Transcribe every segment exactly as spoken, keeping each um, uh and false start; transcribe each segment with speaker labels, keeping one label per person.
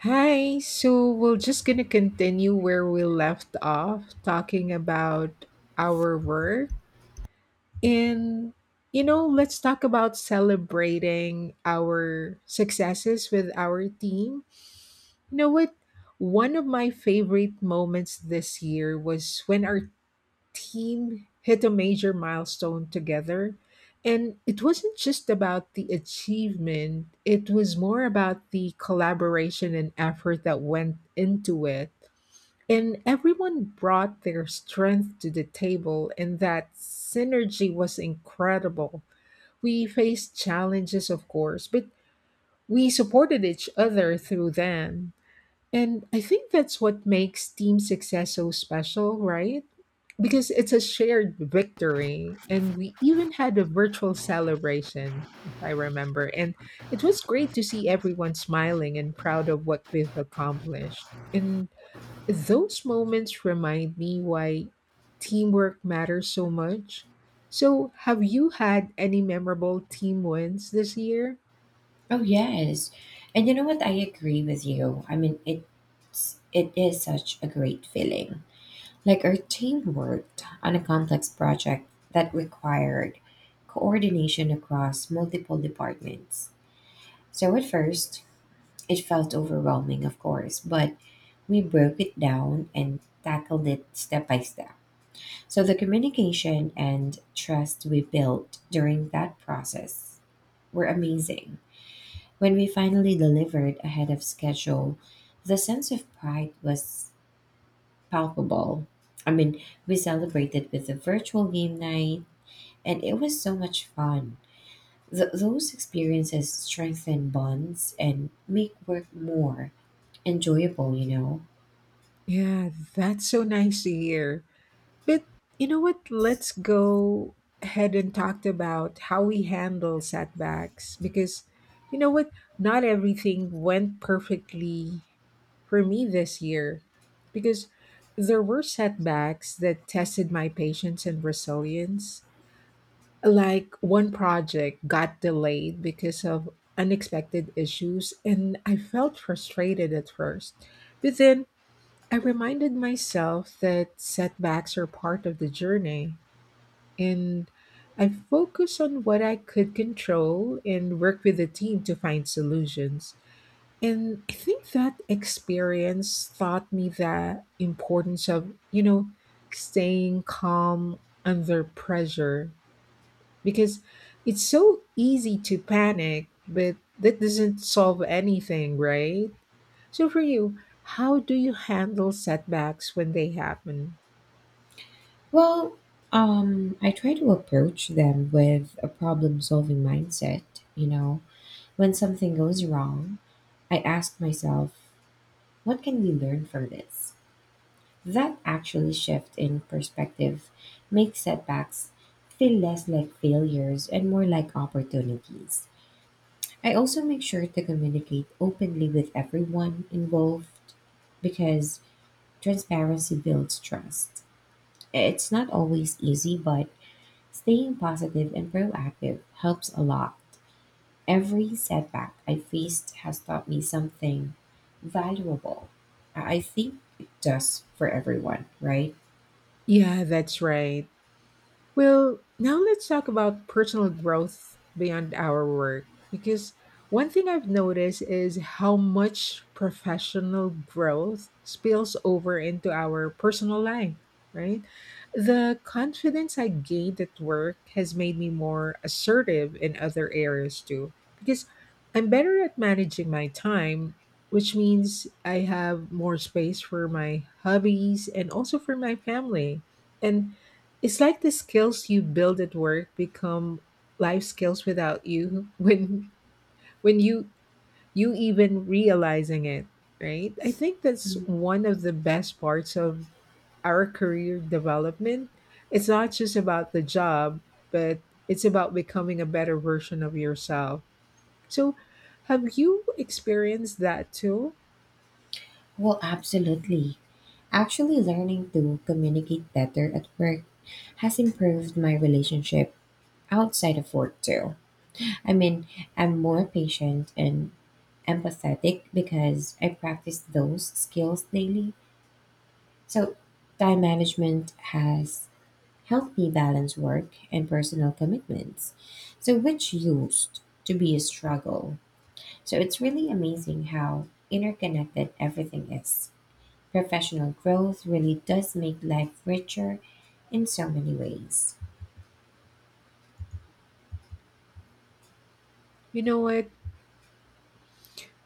Speaker 1: Hi, so we're just going to continue where we left off talking about our work. And, you know, let's talk about celebrating our successes with our team. You know what? One of my favorite moments this year was when our team hit a major milestone together. And it wasn't just about the achievement, it was more about the collaboration and effort that went into it. And everyone brought their strength to the table, and that synergy was incredible. We faced challenges, of course, but we supported each other through them. And I think that's what makes team success so special, right? Because it's a shared victory. And we even had a virtual celebration, if I remember. And it was great to see everyone smiling and proud of what we've accomplished. And those moments remind me why teamwork matters so much. So, have you had any memorable team wins this year?
Speaker 2: Oh, yes. And you know what? I agree with you. I mean, it's it is such a great feeling. Like our team worked on a complex project that required coordination across multiple departments. So at first, it felt overwhelming, of course, but we broke it down and tackled it step by step. So the communication and trust we built during that process were amazing. When we finally delivered ahead of schedule, the sense of pride was palpable. I mean, we celebrated with a virtual game night, and it was so much fun. Th- those experiences strengthen bonds and make work more enjoyable, you know?
Speaker 1: Yeah, that's so nice to hear. But you know what? Let's go ahead and talk about how we handle setbacks because you know what? Not everything went perfectly for me this year because there were setbacks that tested my patience and resilience. Like one project got delayed because of unexpected issues, and I felt frustrated at first. But then I reminded myself that setbacks are part of the journey and I focus on what I could control and work with the team to find solutions. And I think that experience taught me the importance of, you know, staying calm under pressure because it's so easy to panic, but that doesn't solve anything, right? So for you, how do you handle setbacks when they happen?
Speaker 2: Well, um, I try to approach them with a problem solving mindset, you know? When something goes wrong, I ask myself, what can we learn from this? That actually shift in perspective makes setbacks feel less like failures and more like opportunities. I also make sure to communicate openly with everyone involved because transparency builds trust. It's not always easy, but staying positive and proactive helps a lot. Every setback I faced has taught me something valuable. I I think it does for everyone, right?
Speaker 1: Yeah, that's right. Well, now let's talk about personal growth beyond our work because one thing I've noticed is how much professional growth spills over into our personal life, right? The confidence I gained at work has made me more assertive in other areas too because I'm better at managing my time, which means I have more space for my hobbies and also for my family. And it's like the skills you build at work become life skills without you when when you you even realizing it, right? I think that's one of the best parts of our career development. It's not just about the job, but it's about becoming a better version of yourself. So, have you experienced that too?
Speaker 2: Well, absolutely. Actually, learning to communicate better at work has improved my relationship outside of work, too. I mean, I'm more patient and empathetic because I practice those skills daily. So, time management has helped me balance work and personal commitments, so which used to be a struggle. So, it's really amazing how interconnected everything is. Professional growth really does make life richer in so many ways.
Speaker 1: You know what?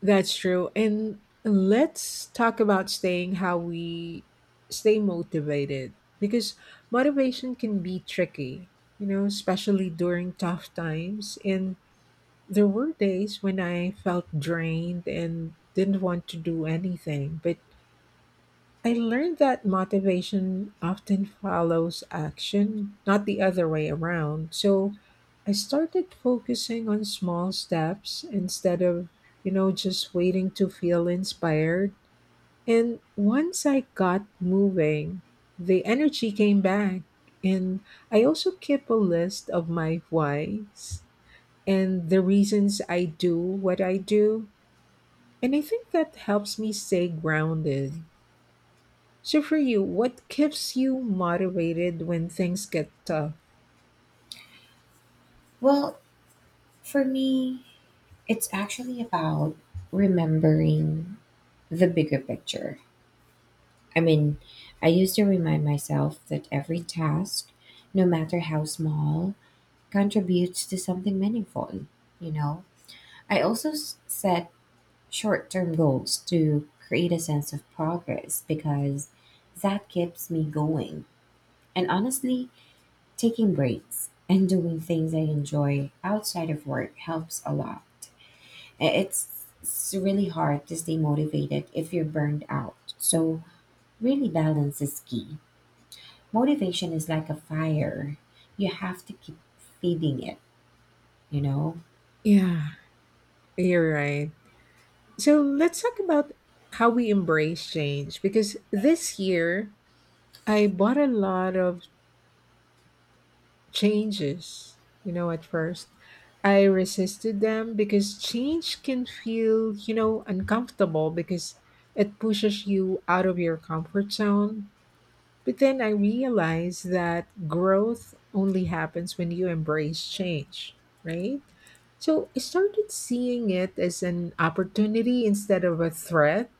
Speaker 1: That's true. And let's talk about staying how we stay motivated because motivation can be tricky, you know, especially during tough times. And there were days when I felt drained and didn't want to do anything, but I learned that motivation often follows action, not the other way around. So I started focusing on small steps instead of, you know, just waiting to feel inspired. And once I got moving, the energy came back. And I also keep a list of my whys and the reasons I do what I do. And I think that helps me stay grounded. So for you, what keeps you motivated when things get tough?
Speaker 2: Well, for me, it's actually about remembering the bigger picture. I mean, I used to remind myself that every task, no matter how small, contributes to something meaningful, you know? I also s- set short term goals to create a sense of progress because that keeps me going. And honestly, taking breaks and doing things I enjoy outside of work helps a lot. I- It's, it's really hard to stay motivated if you're burned out. So, really, balance is key. Motivation is like a fire, you have to keep feeding it, you know?
Speaker 1: Yeah, you're right. So let's talk about how we embrace change because this year I bought a lot of changes. You know, at first I resisted them because change can feel, you know, uncomfortable because it pushes you out of your comfort zone. But then I realized that growth only happens when you embrace change, right? So I started seeing it as an opportunity instead of a threat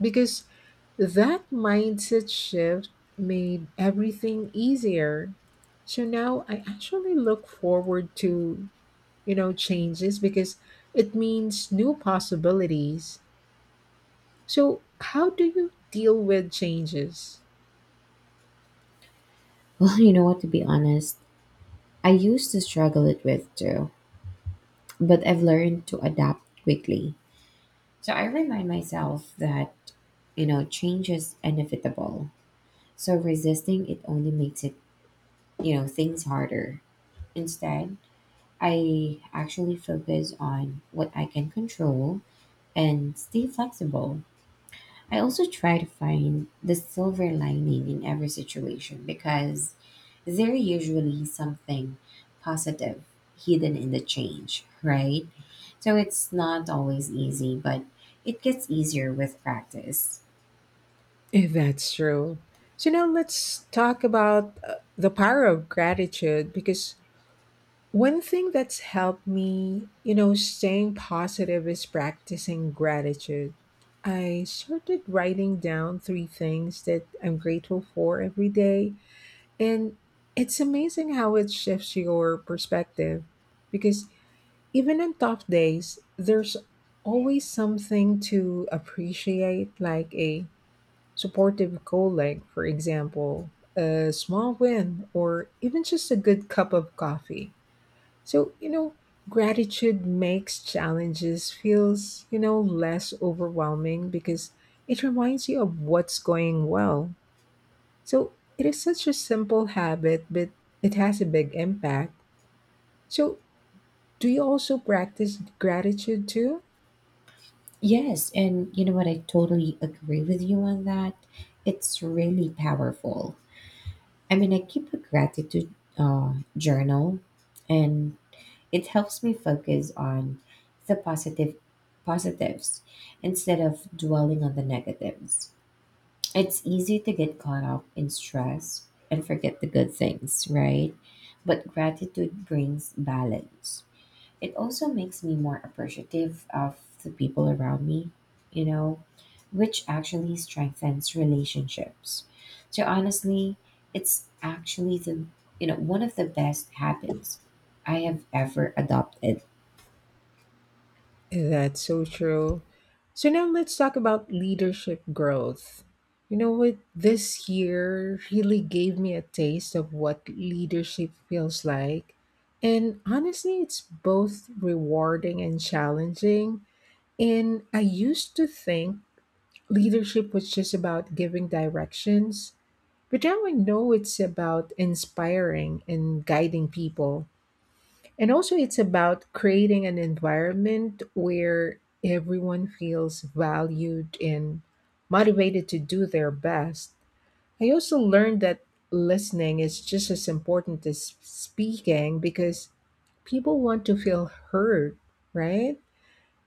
Speaker 1: because that mindset shift made everything easier. So now I actually look forward to, you know, changes because it means new possibilities. So how do you deal with changes?
Speaker 2: Well, you know what, to be honest, I used to struggle it with too, but I've learned to adapt quickly. So, I remind myself that, you know, change is inevitable. So resisting it only makes it, you know, things harder. Instead, I actually focus on what I can control and stay flexible. I also try to find the silver lining in every situation because there usually something positive hidden in the change, right? So it's not always easy, but it gets easier with practice.
Speaker 1: If that's true. So now let's talk about uh, the power of gratitude because one thing that's helped me, you know, staying positive is practicing gratitude. I started writing down three things that I'm grateful for every day. And it's amazing how it shifts your perspective because even on tough days, there's always something to appreciate, like a supportive colleague, for example, a small win, or even just a good cup of coffee. So, you know, gratitude makes challenges feels, you know, less overwhelming because it reminds you of what's going well. So, it is such a simple habit, but it has a big impact. So, do you also practice gratitude too?
Speaker 2: Yes, and you know what? I totally agree with you on that. It's really powerful. I mean, I keep a gratitude uh, journal, and it helps me focus on the positive positives instead of dwelling on the negatives. It's easy to get caught up in stress and forget the good things, right? But gratitude brings balance. It also makes me more appreciative of the people around me, you know, which actually strengthens relationships. So honestly, it's actually the, you know, one of the best habits I have ever adopted.
Speaker 1: That's so true. So now let's talk about leadership growth. You know what? This year really gave me a taste of what leadership feels like. And honestly, it's both rewarding and challenging. And I used to think leadership was just about giving directions, but now I know it's about inspiring and guiding people. And also, it's about creating an environment where everyone feels valued and motivated to do their best. I also learned that listening is just as important as speaking because people want to feel heard, right?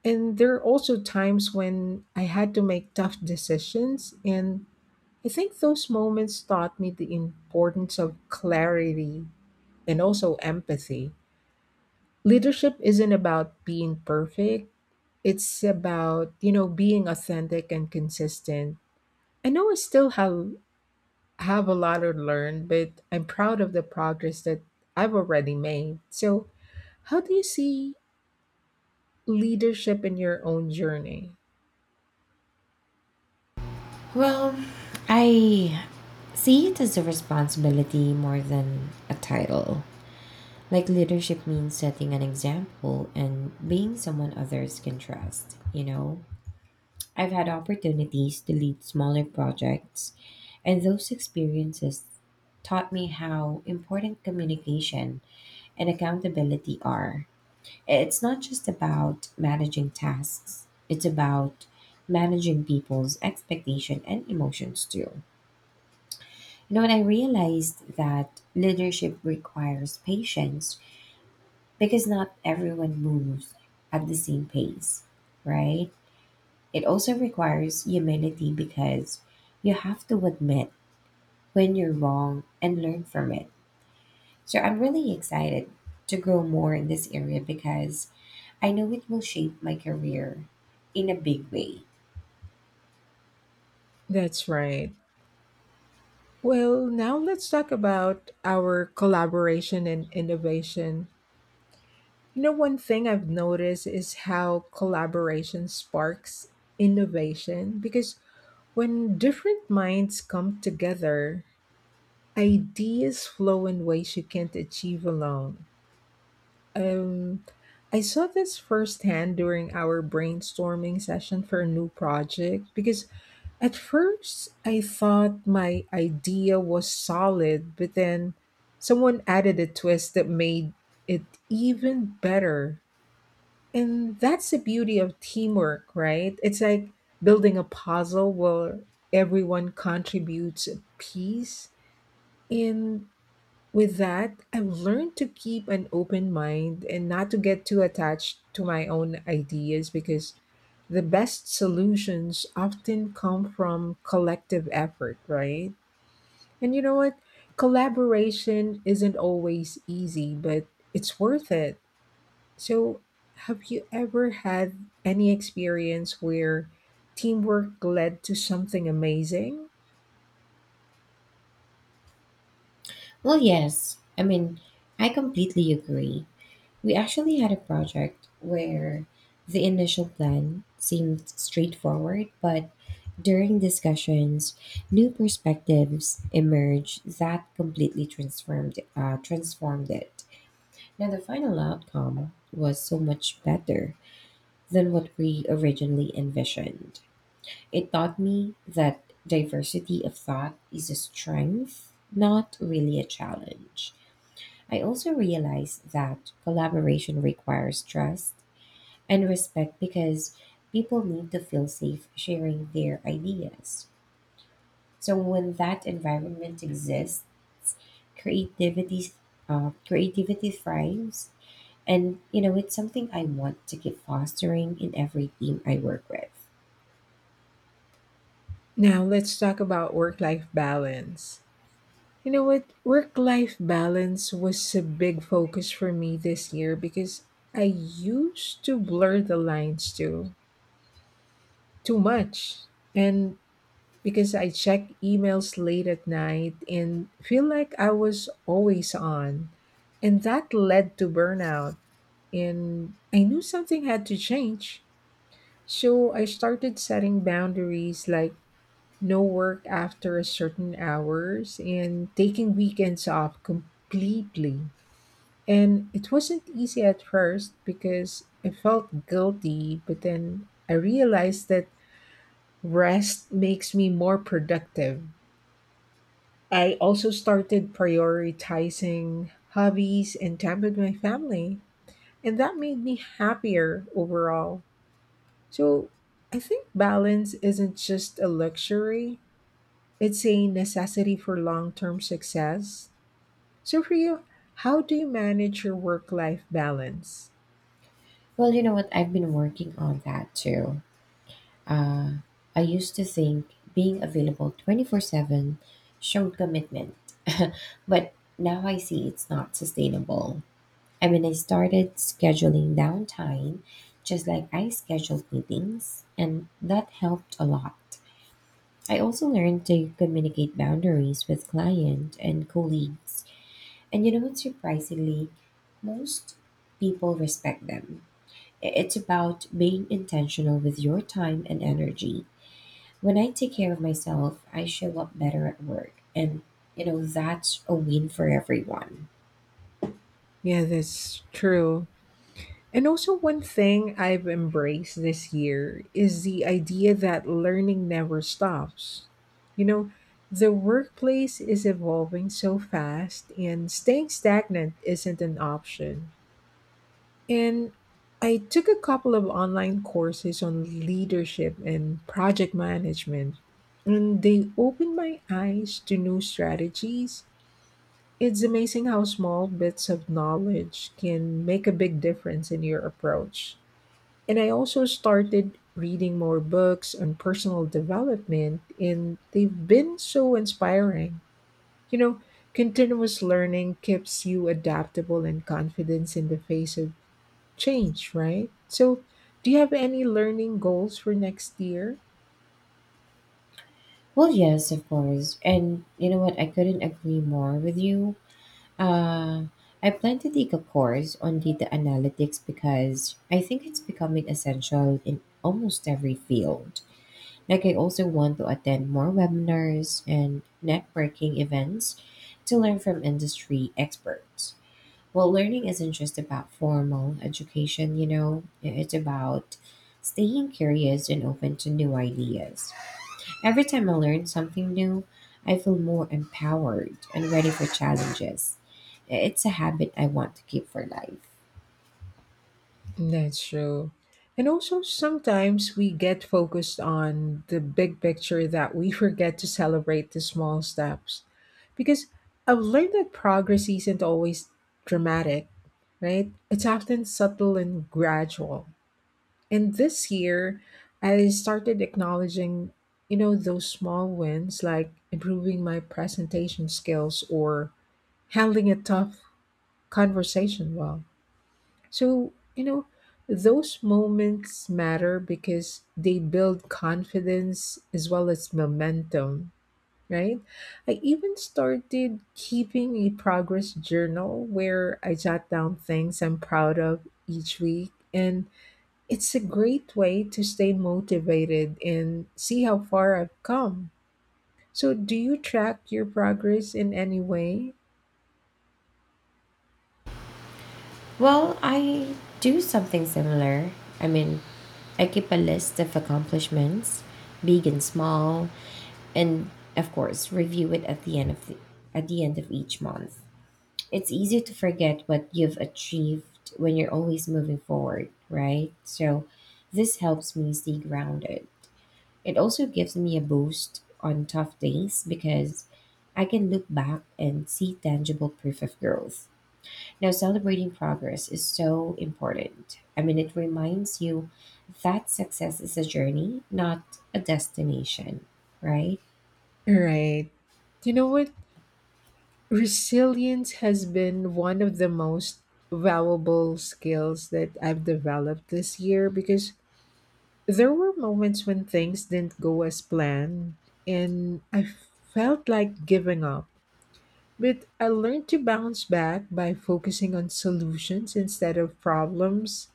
Speaker 1: And there are also times when I had to make tough decisions. And I think those moments taught me the importance of clarity and also empathy. Leadership isn't about being perfect. It's about, you know, being authentic and consistent. I know I still have have a lot to learn, but I'm proud of the progress that I've already made. So, how do you see leadership in your own journey?
Speaker 2: Well, I see it as a responsibility more than a title. Like leadership means setting an example and being someone others can trust, you know? I've had opportunities to lead smaller projects, and those experiences taught me how important communication and accountability are. It's not just about managing tasks, it's about managing people's expectation and emotions too. You know, and I realized that leadership requires patience because not everyone moves at the same pace, right? It also requires humility because you have to admit when you're wrong and learn from it. So I'm really excited to grow more in this area because I know it will shape my career in a big way.
Speaker 1: That's right. Well, now let's talk about our collaboration and innovation. You know, one thing I've noticed is how collaboration sparks innovation because when different minds come together, ideas flow in ways you can't achieve alone. Um, I saw this firsthand during our brainstorming session for a new project because at first I thought my idea was solid, but then someone added a twist that made it even better. And that's the beauty of teamwork, right? It's like building a puzzle where everyone contributes a piece. And with that, I've learned to keep an open mind and not to get too attached to my own ideas because the best solutions often come from collective effort, right? And you know what? Collaboration isn't always easy, but it's worth it. So, have you ever had any experience where teamwork led to something amazing?
Speaker 2: Well, yes. I mean, I completely agree. We actually had a project where the initial plan seemed straightforward, but during discussions, new perspectives emerged that completely transformed uh, transformed it. Now, the final outcome was so much better than what we originally envisioned. It taught me that diversity of thought is a strength, not really a challenge. I also realized that collaboration requires trust and respect because people need to feel safe sharing their ideas. So when that environment exists, creativity uh, creativity thrives, and you know it's something I want to keep fostering in every team I work with.
Speaker 1: Now, let's talk about work life balance. You know what? Work life balance was a big focus for me this year because I used to blur the lines too, too much. And because I check emails late at night and feel like I was always on. And that led to burnout. And I knew something had to change. So I started setting boundaries like no work after a certain hours and taking weekends off completely. And it wasn't easy at first because I felt guilty, but then I realized that rest makes me more productive. I also started prioritizing hobbies and time with my family, and that made me happier overall. So I think balance isn't just a luxury, it's a necessity for long term success. So, for you, how do you manage your work life balance?
Speaker 2: Well, you know what? I've been working on that too. Uh, I used to think being available twenty-four seven showed commitment, but now I see it's not sustainable. I mean, I started scheduling downtime just like I scheduled meetings, and that helped a lot. I also learned to communicate boundaries with client and colleagues. And you know what, surprisingly, most people respect them. I- It's about being intentional with your time and energy. When I take care of myself, I show up better at work. And, you know, that's a win for everyone.
Speaker 1: Yeah, that's true. And also, one thing I've embraced this year is the idea that learning never stops. You know, the workplace is evolving so fast, and staying stagnant isn't an option. And I took a couple of online courses on leadership and project management, and they opened my eyes to new strategies. It's amazing how small bits of knowledge can make a big difference in your approach. And I also started reading more books on personal development, and they've been so inspiring. You know, continuous learning keeps you adaptable and confident in the face of change, right? So, do you have any learning goals for next year?
Speaker 2: Well, yes, of course. And you know what? I couldn't agree more with you. Uh, I plan to take a course on data analytics because I think it's becoming essential in almost every field. Like, I also want to attend more webinars and networking events to learn from industry experts. Well, learning isn't just about formal education, you know, it's about staying curious and open to new ideas. Every time I learn something new, I feel more empowered and ready for challenges. It's a habit I want to keep for life.
Speaker 1: That's true. And also, sometimes we get focused on the big picture that we forget to celebrate the small steps. Because I've learned that progress isn't always dramatic, right? It's often subtle and gradual. And this year, I started acknowledging, you know, those small wins like improving my presentation skills or handling a tough conversation well. So, you know, those moments matter because they build confidence as well as momentum, right? I even started keeping a progress journal where I jot down things I'm proud of each week. And it's a great way to stay motivated and see how far I've come. So, do you track your progress in any way?
Speaker 2: Well, I do something similar. I mean, I keep a list of accomplishments, big and small, and of course, review it at the end of the, at the end of each month. It's easy to forget what you've achieved when you're always moving forward, right? So, this helps me stay grounded. It also gives me a boost on tough days because I can look back and see tangible proof of growth. Now, celebrating progress is so important. I mean, it reminds you that success is a journey, not a destination, right?
Speaker 1: Right. You know what? Resilience has been one of the most valuable skills that I've developed this year because there were moments when things didn't go as planned and I felt like giving up. But I learned to bounce back by focusing on solutions instead of problems.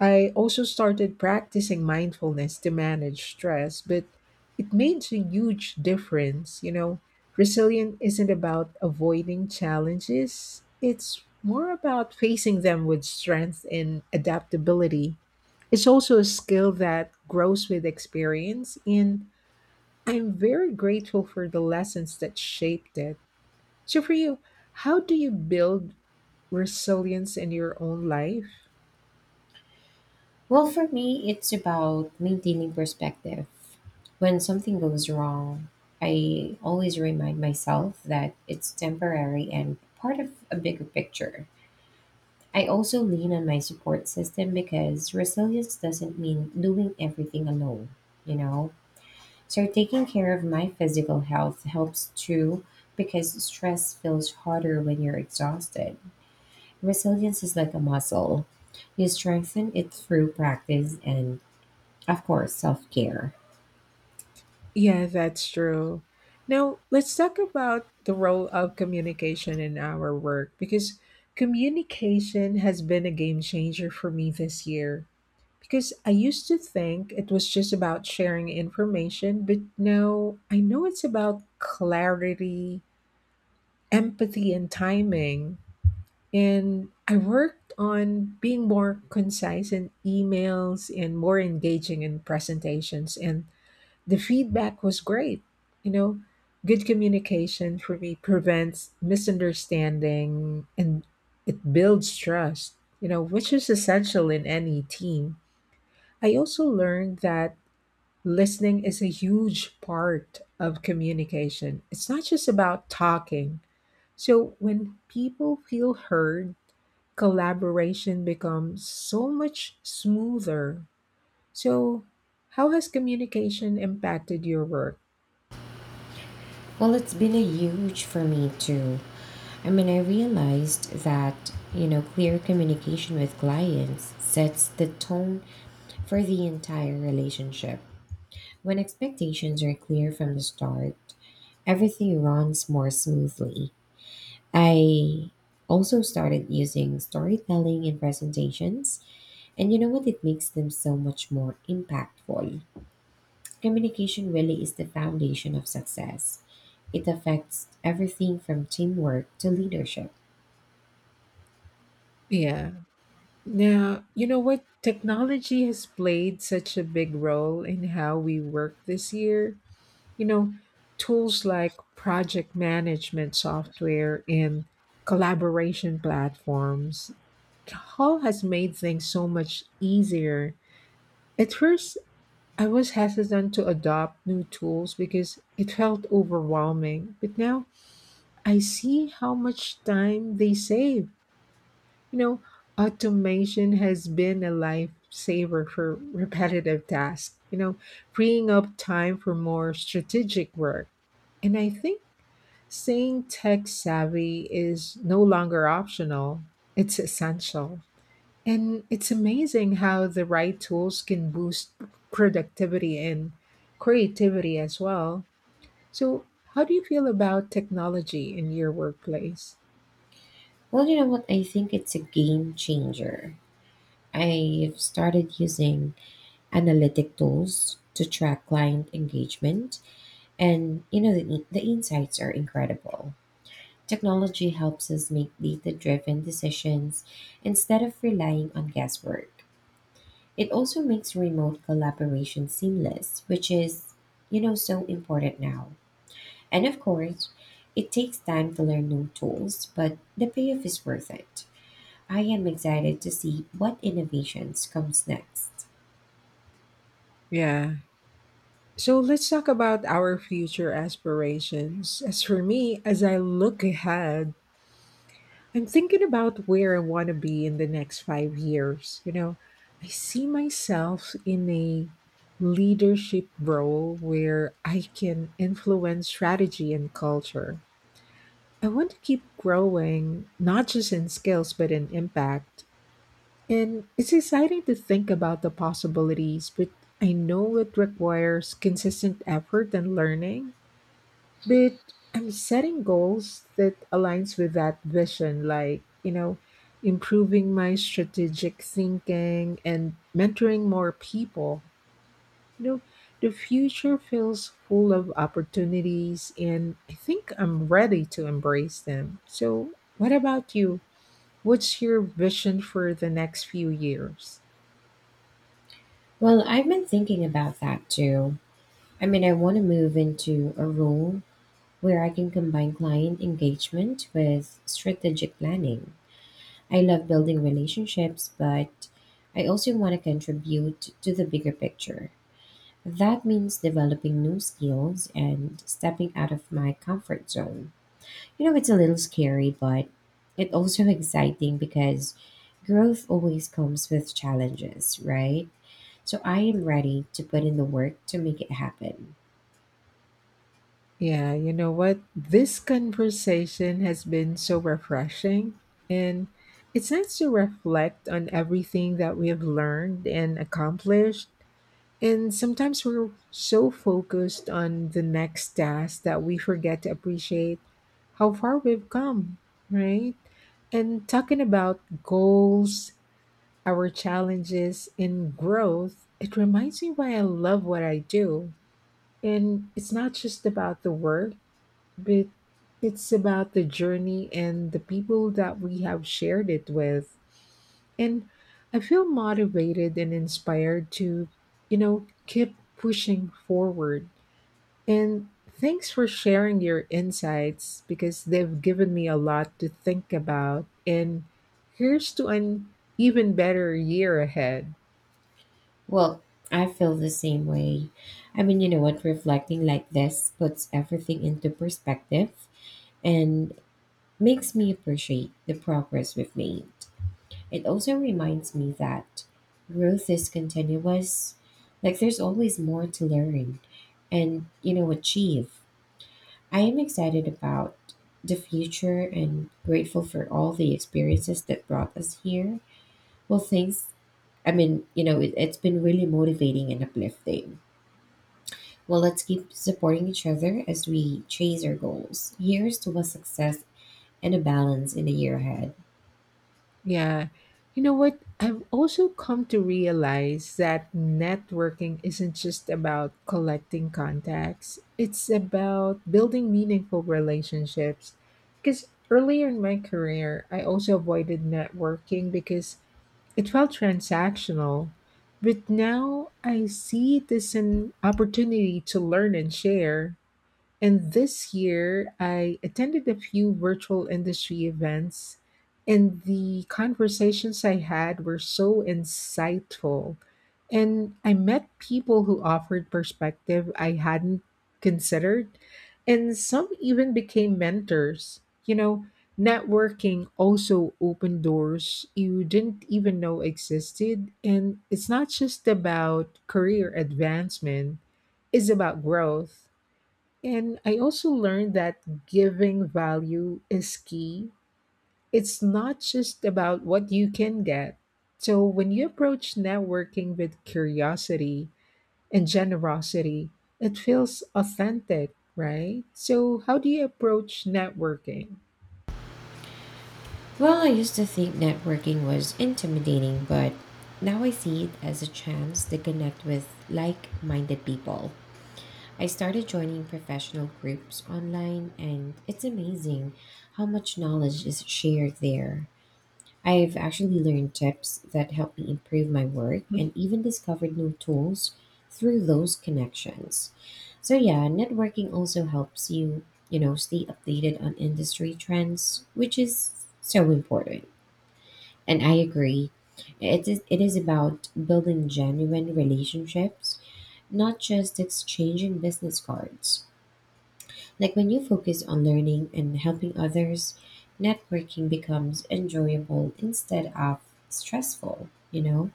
Speaker 1: I also started practicing mindfulness to manage stress, but it made a huge difference. You know, resilient isn't about avoiding challenges, it's more about facing them with strength and adaptability. It's also a skill that grows with experience, and I'm very grateful for the lessons that shaped it. So, for you, how do you build resilience in your own life?
Speaker 2: Well, for me, it's about maintaining perspective. When something goes wrong, I always remind myself that it's temporary and part of a bigger picture. I also lean on my support system because resilience doesn't mean doing everything alone, you know? So taking care of my physical health helps too because stress feels harder when you're exhausted. Resilience is like a muscle. You strengthen it through practice and, of course, self care.
Speaker 1: Yeah, that's true. Now, let's talk about the role of communication in our work because communication has been a game changer for me this year. Because I used to think it was just about sharing information, but now I know it's about clarity, empathy, and timing. And I worked on being more concise in emails and more engaging in presentations. And the feedback was great. You know, good communication for me prevents misunderstanding and it builds trust, you know, which is essential in any team. I also learned that listening is a huge part of communication. It's not just about talking. So when people feel heard, collaboration becomes so much smoother. So, how has communication impacted your work?
Speaker 2: Well, it's been a huge for me too. I mean, I realized that, you know, clear communication with clients sets the tone for the entire relationship. When expectations are clear from the start, everything runs more smoothly. I also started using storytelling in presentations, and you know what? It makes them so much more impactful. Communication really is the foundation of success. It affects everything from teamwork to leadership.
Speaker 1: Yeah. Now, you know what? Technology has played such a big role in how we work this year. You know, tools like project management software and collaboration platforms all has made things so much easier. At first, I was hesitant to adopt new tools because it felt overwhelming, but now I see how much time they save you know, Automation has been a lifesaver for repetitive tasks, you know, freeing up time for more strategic work. And I think staying tech savvy is no longer optional, it's essential. And it's amazing how the right tools can boost productivity and creativity as well. So, how do you feel about technology in your workplace?
Speaker 2: Well, you know what? I think it's a game changer. I've started using analytic tools to track client engagement. And you know, the, the insights are incredible. Technology helps us make data driven decisions instead of relying on guesswork. It also makes remote collaboration seamless, which is, you know, so important now. And of course, it takes time to learn new tools, but the payoff is worth it. I am excited to see what innovations comes next.
Speaker 1: Yeah, So let's talk about our future aspirations. As for me, as I look ahead, I'm thinking about where I want to be in the next five years. You know, I see myself in a leadership role where I can influence strategy and culture. I want to keep growing, not just in skills, but in impact. And it's exciting to think about the possibilities, but I know it requires consistent effort and learning. But I'm setting goals that aligns with that vision, like, you know, improving my strategic thinking and mentoring more people. You know, the future feels full of opportunities and I think I'm ready to embrace them. So, what about you? What's your vision for the next few years?
Speaker 2: Well, I've been thinking about that too. I mean, I want to move into a role where I can combine client engagement with strategic planning. I love building relationships, but I also want to contribute to the bigger picture. That means developing new skills and stepping out of my comfort zone. You know, it's a little scary, but it's also exciting because growth always comes with challenges, right? So I am ready to put in the work to make it happen.
Speaker 1: Yeah, you know what? This conversation has been so refreshing, and it's nice to reflect on everything that we have learned and accomplished. And sometimes we're so focused on the next task that we forget to appreciate how far we've come, right? And talking about goals, our challenges, and growth, it reminds me why I love what I do. And it's not just about the work but it's about the journey and the people that we have shared it with. And I feel motivated and inspired to, you know, keep pushing forward. And thanks for sharing your insights because they've given me a lot to think about. And here's to an even better year ahead.
Speaker 2: Well, I feel the same way. I mean, you know what? Reflecting like this puts everything into perspective and makes me appreciate the progress we've made. It also reminds me that growth is continuous, like, there's always more to learn and, you know, achieve. I am excited about the future and grateful for all the experiences that brought us here. Well, thanks. I mean, you know, it, it's been really motivating and uplifting. Well, let's keep supporting each other as we chase our goals. Here's to a success and a balance in the year ahead.
Speaker 1: Yeah. You know what? I've also come to realize that networking isn't just about collecting contacts, it's about building meaningful relationships. Because earlier in my career, I also avoided networking because it felt transactional. But now I see it as an opportunity to learn and share. And this year, I attended a few virtual industry events, and the conversations I had were so insightful. And I met people who offered perspective I hadn't considered, and some even became mentors. You know, networking also opened doors you didn't even know existed. And it's not just about career advancement, it's about growth and I also learned that giving value is key. It's not just about what you can get. So when you approach networking with curiosity and generosity, it feels authentic, right? So, how do you approach networking?
Speaker 2: Well, I used to think networking was intimidating, but now I see it as a chance to connect with like minded people. I started joining professional groups online, and it's amazing how much knowledge is shared there. I've actually learned tips that help me improve my work and even discovered new tools through those connections. So yeah, networking also helps you, you know, stay updated on industry trends, which is so important. And I agree. It is it is about building genuine relationships, not just exchanging business cards. Like when you focus on learning and helping others, networking becomes enjoyable instead of stressful, you know?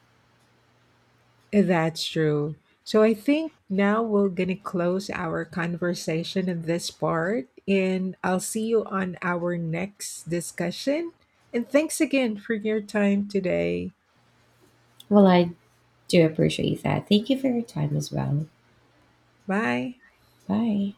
Speaker 1: That's true. So I think now we're going to close our conversation in this part, and I'll see you on our next discussion. And thanks again for your time today.
Speaker 2: Well, I do appreciate that. Thank you for your time as well.
Speaker 1: Bye.
Speaker 2: Bye.